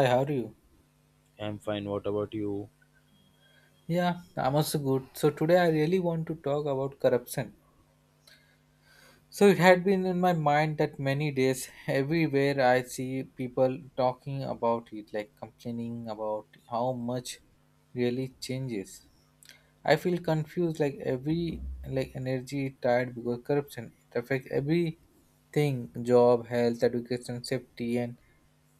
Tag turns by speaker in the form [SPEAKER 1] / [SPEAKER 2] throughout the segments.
[SPEAKER 1] Hi, how are you?
[SPEAKER 2] I'm fine. What about you?
[SPEAKER 1] Yeah, I'm also good. So today I really want to talk about corruption. So it had been in my mind that many days everywhere I see people talking about it, like complaining about how much really changes. I feel confused, like every like energy is tired because corruption. It affects everything: job, health, education, safety and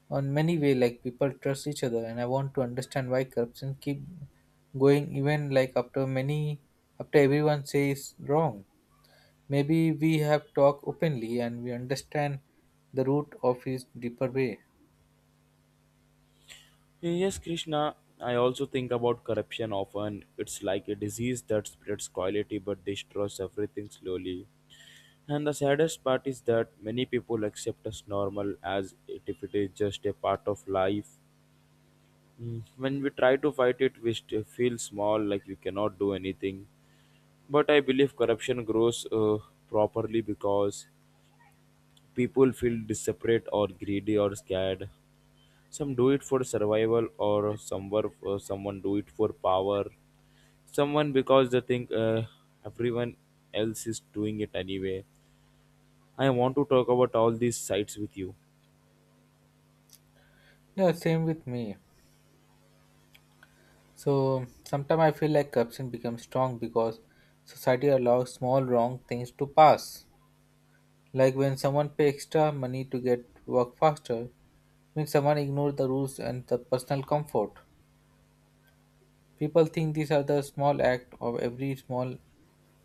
[SPEAKER 1] on many way, like people trust each other, and I want to understand why corruption keep going, even like after many, after everyone says wrong. Maybe we have talk openly and we understand the root of his deeper way.
[SPEAKER 2] Yes, Krishna. I also think about corruption often. It's like a disease that spreads quality but destroys everything slowly. And the saddest part is that many people accept us normal as it if it is just a part of life. When we try to fight it, feel small, like we cannot do anything. But I believe corruption grows properly because people feel desperate or greedy or scared. Some do it for survival, or someone do it for power. Someone because they think everyone else is doing it anyway. I want to talk about all these sides with you.
[SPEAKER 1] Yeah, same with me. So sometimes I feel like corruption becomes strong because society allows small wrong things to pass, like when someone pay extra money to get work faster, means someone ignores the rules and the personal comfort. People think these are the small act of every small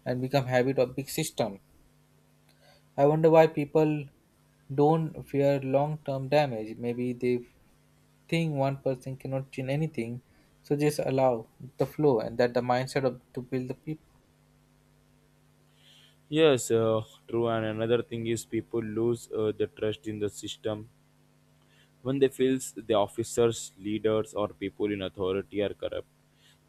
[SPEAKER 1] and become habit of big system. I wonder why people don't fear long term damage. Maybe they think one person cannot change anything, so just allow the flow, and that the mindset of to build the people.
[SPEAKER 2] Yes, true. And another thing is people lose the trust in the system when they feels the officers, leaders, or people in authority are corrupt.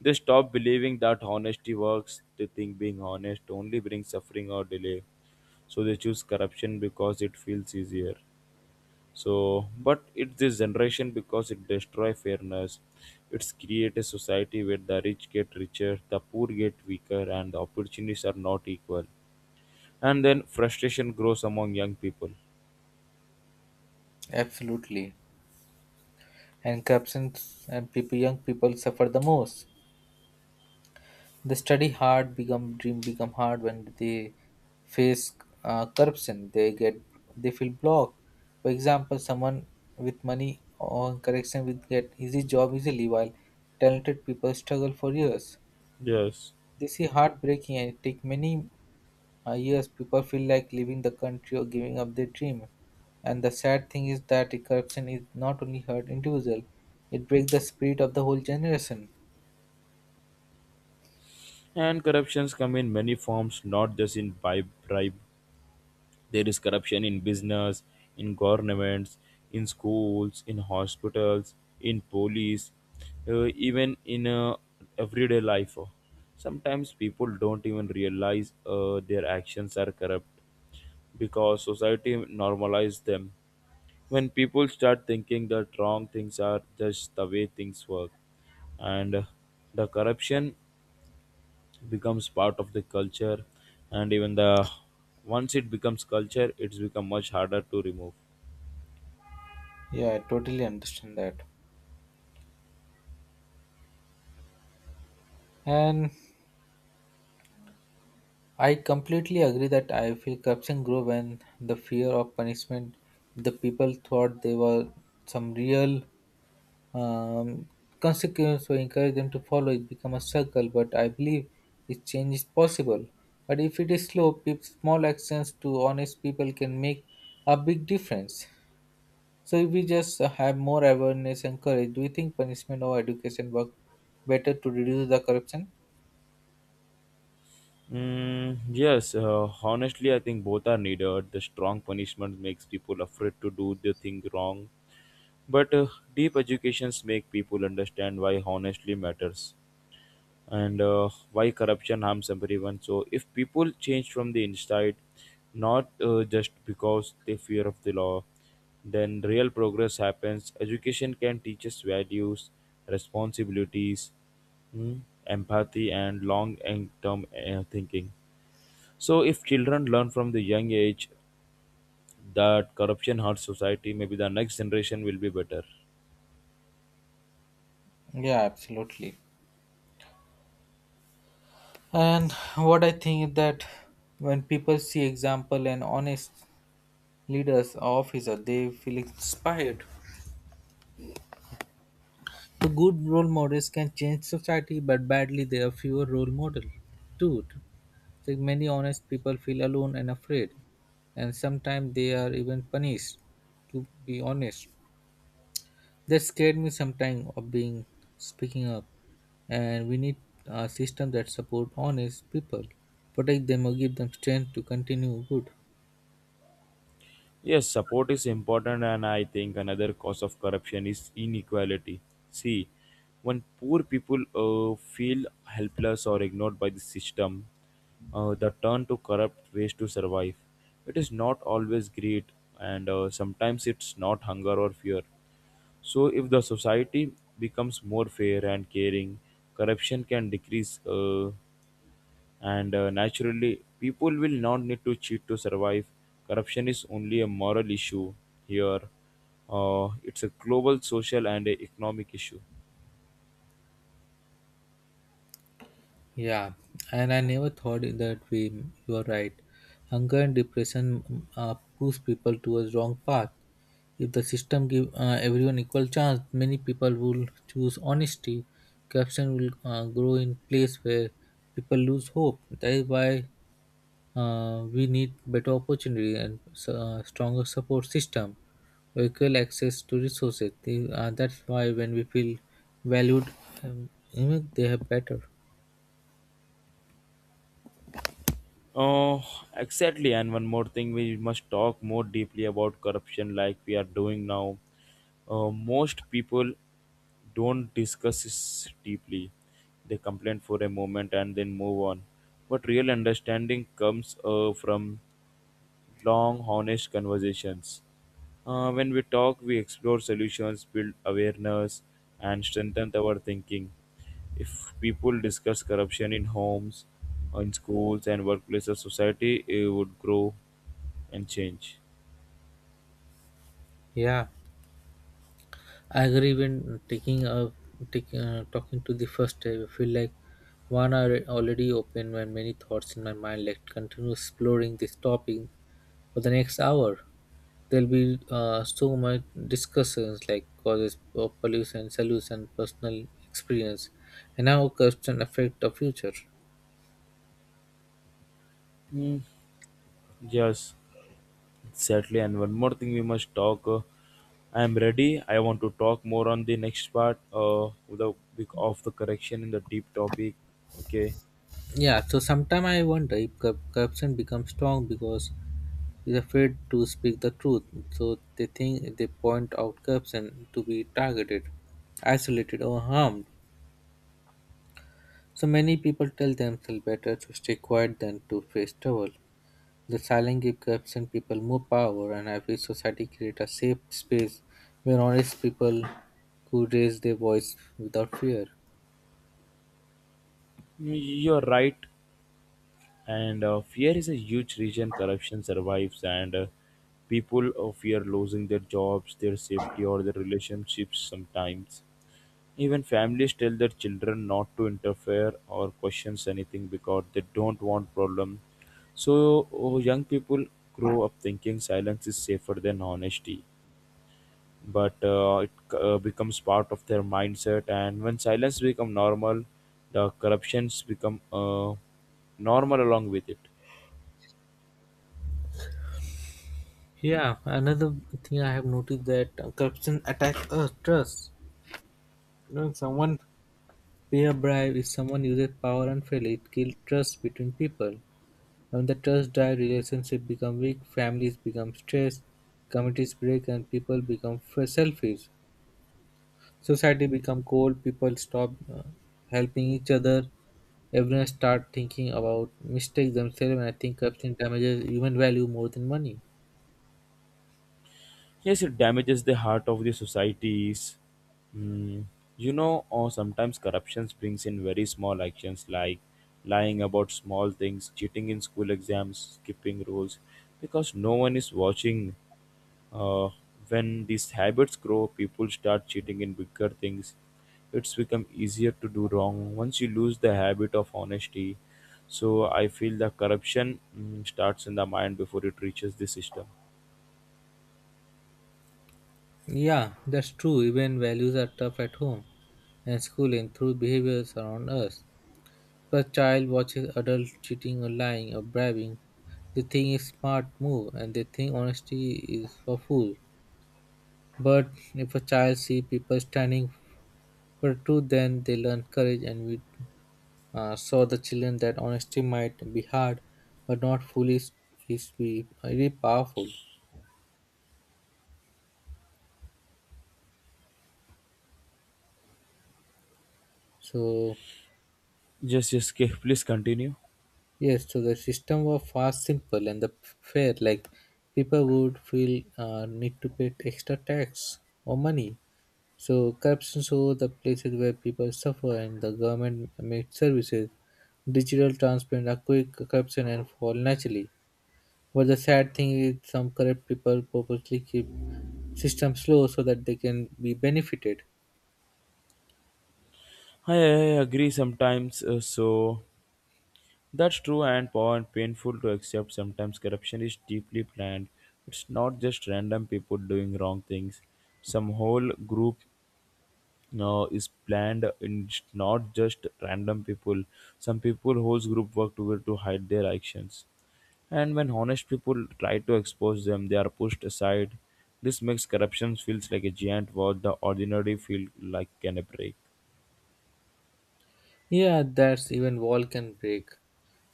[SPEAKER 2] They stop believing that honesty works. They think being honest only brings suffering or delay. So they choose corruption because it feels easier. So but it's this generation because it destroy fairness, it's create a society where the rich get richer, the poor get weaker, and the opportunities are not equal, and then frustration grows among young people.
[SPEAKER 1] Absolutely. And corruption and people, young people suffer the most. The study hard, become dream become hard when they face corruption. They get, they feel blocked. For example, someone with money or correction will get easy job easily, while talented people struggle for years.
[SPEAKER 2] Yes.
[SPEAKER 1] This is heartbreaking and it take many years. People feel like leaving the country or giving up their dream. And the sad thing is that corruption is not only hurt individual, it breaks the spirit of the whole generation.
[SPEAKER 2] And corruptions come in many forms, not just in bribery. There is corruption in business, in governments, in schools, in hospitals, in police, even in everyday life. Sometimes people don't even realize their actions are corrupt because society normalizes them. When people start thinking that wrong things are just the way things work, and the corruption, it becomes part of the culture. And even the Once it becomes culture, it's become much harder to remove.
[SPEAKER 1] Yeah, I totally understand that. And I completely agree that I feel corruption grew when the fear of punishment, the people thought there were some real um, consequence or encourage them to follow. It become a circle, but I believe this change is possible. But if it is slow, small actions to honest people can make a big difference. So if we just have more awareness and courage, do you think punishment or education work better to reduce the corruption?
[SPEAKER 2] Yes, honestly I think both are needed. The strong punishment makes people afraid to do the thing wrong, but deep educations make people understand why honestly matters, and why corruption harms everyone. So if people change from the inside, not just because they fear of the law, then real progress happens. Education can teach us values, responsibilities, mm, empathy, and long term thinking. So if children learn from the young age that corruption hurts society, maybe the next generation will be better.
[SPEAKER 1] Yeah, absolutely. And what I think that when people see example and honest leaders or officer, they feel inspired. The good role models can change society, but badly they are fewer role model. Too, like many honest people feel alone and afraid, and sometimes they are even punished. To be honest, that scared me sometimes of being speaking up, and we need a system that support honest people, protect them or give them strength to continue good.
[SPEAKER 2] Yes, support is important, and I think another cause of corruption is inequality. See, when poor people feel helpless or ignored by the system, they turn to corrupt ways to survive. It is not always greed, and sometimes it's not hunger or fear. So, if the society becomes more fair and caring, corruption can decrease. And Naturally people will not need to cheat to survive. Corruption is only a moral issue here, it's a global social and a economic issue.
[SPEAKER 1] Yeah, and I never thought in that way. You are right. Hunger and depression push people towards wrong path. If the system give everyone equal chance, many people will choose honesty. Corruption will grow in place where people lose hope. That is why we need better opportunity and stronger support system, equal access to resources. That's why when we feel valued, they have better.
[SPEAKER 2] Oh, exactly, and one more thing, we must talk more deeply about corruption like we are doing now. Most people don't discuss this deeply. They complain for a moment and then move on, but real understanding comes from long honest conversations. When we talk, we explore solutions, build awareness, and strengthen our thinking. If people discuss corruption in homes, in schools, and workplaces, society it would grow and change.
[SPEAKER 1] Yeah. I agree when taking up taking talking to the first time, I feel like one are already open, when many thoughts in my mind, let continue exploring this topic for the next hour. There'll be so much discussions, like causes of pollution, solution, personal experience, and how corruption affect the future.
[SPEAKER 2] Mm, yes, exactly. And one more thing we must talk. I am ready. I want to talk more on the next part of the correction in the deep topic. Okay,
[SPEAKER 1] Yeah, so sometime I wonder if corruption becomes strong because is afraid to speak the truth, so they think they point out corruption to be targeted, isolated, or harmed. So many people tell themselves better to stay quiet than to face trouble. The silent give corruption people more power, and every society create a safe space where honest people could raise their voice without fear.
[SPEAKER 2] you are right. And fear is a huge reason corruption survives, and people fear losing their jobs, their safety, or their relationships. Sometimes even families tell their children not to interfere or questions anything because they don't want problem. So young people grow up thinking silence is safer than honesty, but it becomes part of their mindset. And when silence become normal, the corruptions become normal along with it.
[SPEAKER 1] Yeah, another thing I have noticed that corruption attacks us trust. When someone, peer bribe is someone uses power unfairly, it kills trust between people. When the trust dies, relationships become weak, families become stressed, communities break, and people become selfish. Society become cold, people stop helping each other. Everyone start thinking about mistakes themselves, and I think corruption damages human value more than money.
[SPEAKER 2] Yes, it damages the heart of the societies. Mm, you know, or sometimes corruption brings in very small actions, like lying about small things, cheating in school exams, skipping rules, because no one is watching. Uh, when these habits grow, people start cheating in bigger things. It's become easier to do wrong once you lose the habit of honesty. So I feel the corruption starts in the mind before it reaches the system.
[SPEAKER 1] Yeah, that's true. Even values are tough at home and school and through behaviors around us. If a child watches adults cheating or lying or bribing, they think it's smart move, and they think honesty is for fools. But if a child see people standing for truth, then they learn courage. And we saw the children that honesty might be hard, but not foolish is be very powerful. So
[SPEAKER 2] Yes, yes, okay, please continue.
[SPEAKER 1] yes, so the system was fast, simple, and the fair. Like people would feel need to pay extra tax or money. So corruption shows the places where people suffer and the government makes services. Digital transparent are quick corruption and fall naturally. But the sad thing is some corrupt people purposely keep system slow so that they can be benefited.
[SPEAKER 2] I agree. Sometimes, that's true, and and painful to accept. Sometimes corruption is deeply planned. It's not just random people doing wrong things. Some whole group is planned. In It's not just random people. Some people, whole group work together to hide their actions. And when honest people try to expose them, they are pushed aside. This makes corruption feels like a giant war the ordinary feel like can break.
[SPEAKER 1] Yeah, that's even wall can break.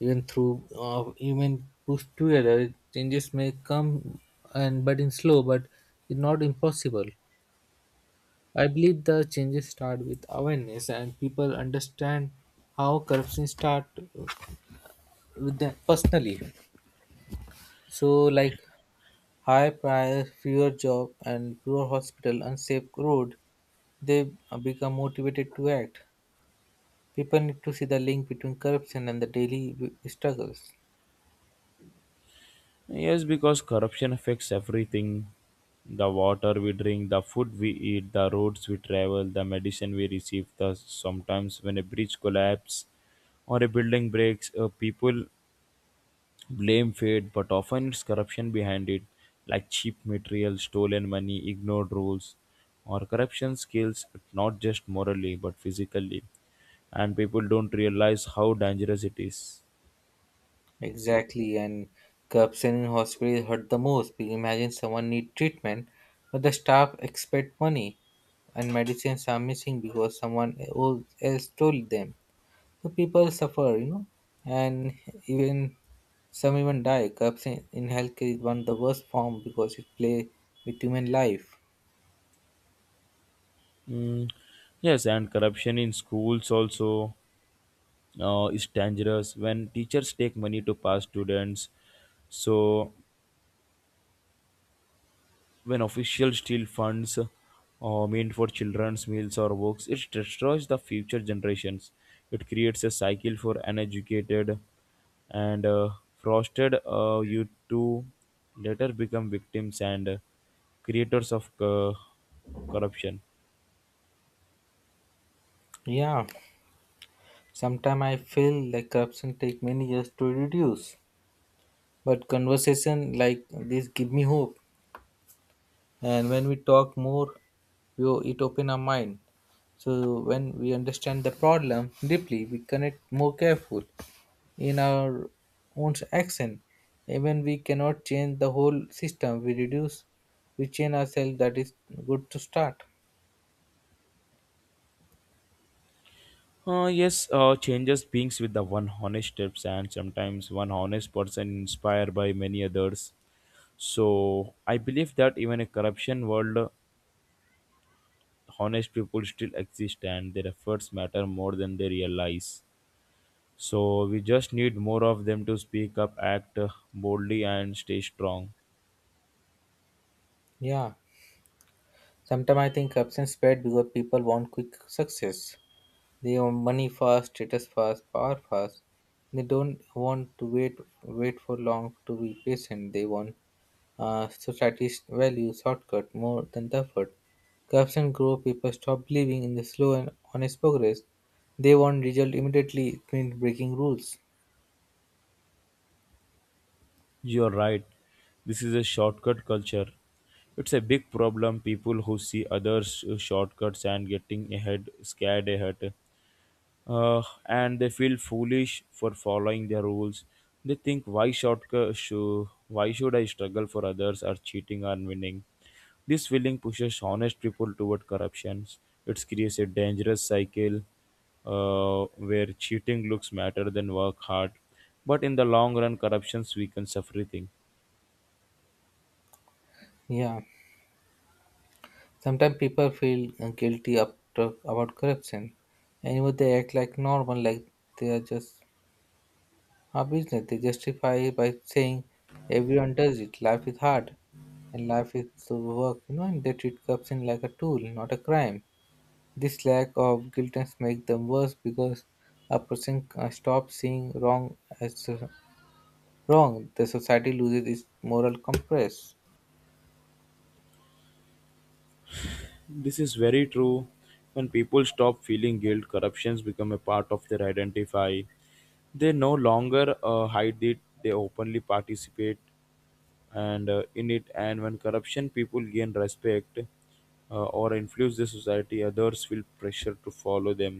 [SPEAKER 1] Even through, even pushed together, changes may come and but in slow, but it's not impossible. I believe the changes start with awareness and people understand how corruption start with them personally. So like high price, fewer job and poor hospital, unsafe road, they become motivated to act. People need to see the link between corruption and the daily struggles.
[SPEAKER 2] Yes, because corruption affects everything: the water we drink, the food we eat, the roads we travel, the medicine we receive. Thus, sometimes when a bridge collapses or a building breaks, people blame fate, but often it's corruption behind it, like cheap material, stolen money, ignored rules, or corruption skills, not just morally but physically. And people don't realize how dangerous it is.
[SPEAKER 1] Exactly, and corruption in hospitals hurt the most. We imagine someone need treatment, but the staff expect money, and medicines are missing because someone else stole them. So people suffer, you know, and even some even die. Corruption in healthcare is one of the worst form because it play with human life.
[SPEAKER 2] Mm, yes, and corruption in schools also is dangerous when teachers take money to pass students. So when officials steal funds meant for children's meals or books, it destroys the future generations. It creates a cycle for uneducated and frosted youth to later become victims and creators of corruption.
[SPEAKER 1] Yeah, sometimes I feel like corruption take many years to reduce, but conversation like this give me hope. And when we talk more, we, it open our mind. So when we understand the problem deeply, we connect more careful in our own action. Even we cannot change the whole system, we reduce, we change ourselves, that is good to start.
[SPEAKER 2] Yes, changes beings with the one honest steps, and sometimes one honest person inspired by many others. So I believe that even a corruption world, honest people still exist and their efforts matter more than they realize. So we just need more of them to speak up, act boldly, and stay strong.
[SPEAKER 1] Yeah, sometimes I think corruption spread because people want quick success. They want money fast, status fast, power fast. They don't want to wait, for long to be patient, they want. Societies value shortcut more than the effort. Corruption grows, people stop believing in the slow and honest progress. They want result immediately, it means breaking rules.
[SPEAKER 2] You're right. This is a shortcut culture. It's a big problem. People who see others' shortcuts and getting ahead, scared ahead. And they feel foolish for following their rules. They think why should I struggle for others or cheating or winning? This feeling pushes honest people toward corruptions. It creates a dangerous cycle where cheating looks better than work hard. But in the long run, corruptions weakens everything.
[SPEAKER 1] Yeah, sometimes people feel guilty after, about corruption. Anyway, they act like normal, like they are just a business. They justify it by saying everyone does it. Life is hard, and life is to work, you know, and they treat corruption like a tool, not a crime. This lack of guiltness makes them worse because a person stops seeing wrong as wrong. The society loses its moral compass.
[SPEAKER 2] This is very true. When people stop feeling guilt, corruptions become a part of their identify. They no longer hide it, they openly participate and in it. And when corruption people gain respect or influence the society, others feel pressure to follow them,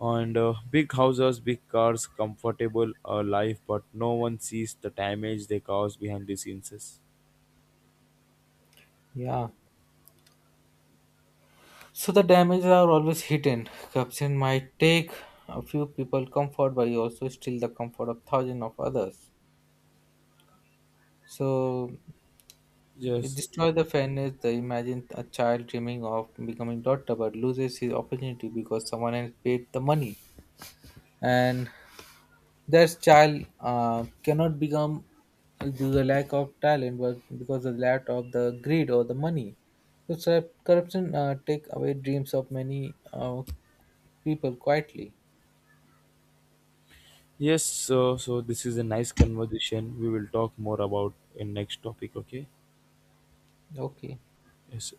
[SPEAKER 2] and big houses, big cars, comfortable life, but no one sees the damage they cause behind the scenes.
[SPEAKER 1] Yeah. So the damages are always hidden. Corruption might take a few people comfort, but you also steal the comfort of thousands of others. So it
[SPEAKER 2] Yes,
[SPEAKER 1] destroys the fairness. The imagine a child dreaming of becoming doctor, but loses his opportunity because someone else paid the money. And their child cannot become due the lack of talent, but because of the lack of the greed or the money. So sir, corruption take away dreams of many people quietly.
[SPEAKER 2] yes, so this is a nice conversation. We will talk more about in next topic, okay?
[SPEAKER 1] Okay.
[SPEAKER 2] Yes.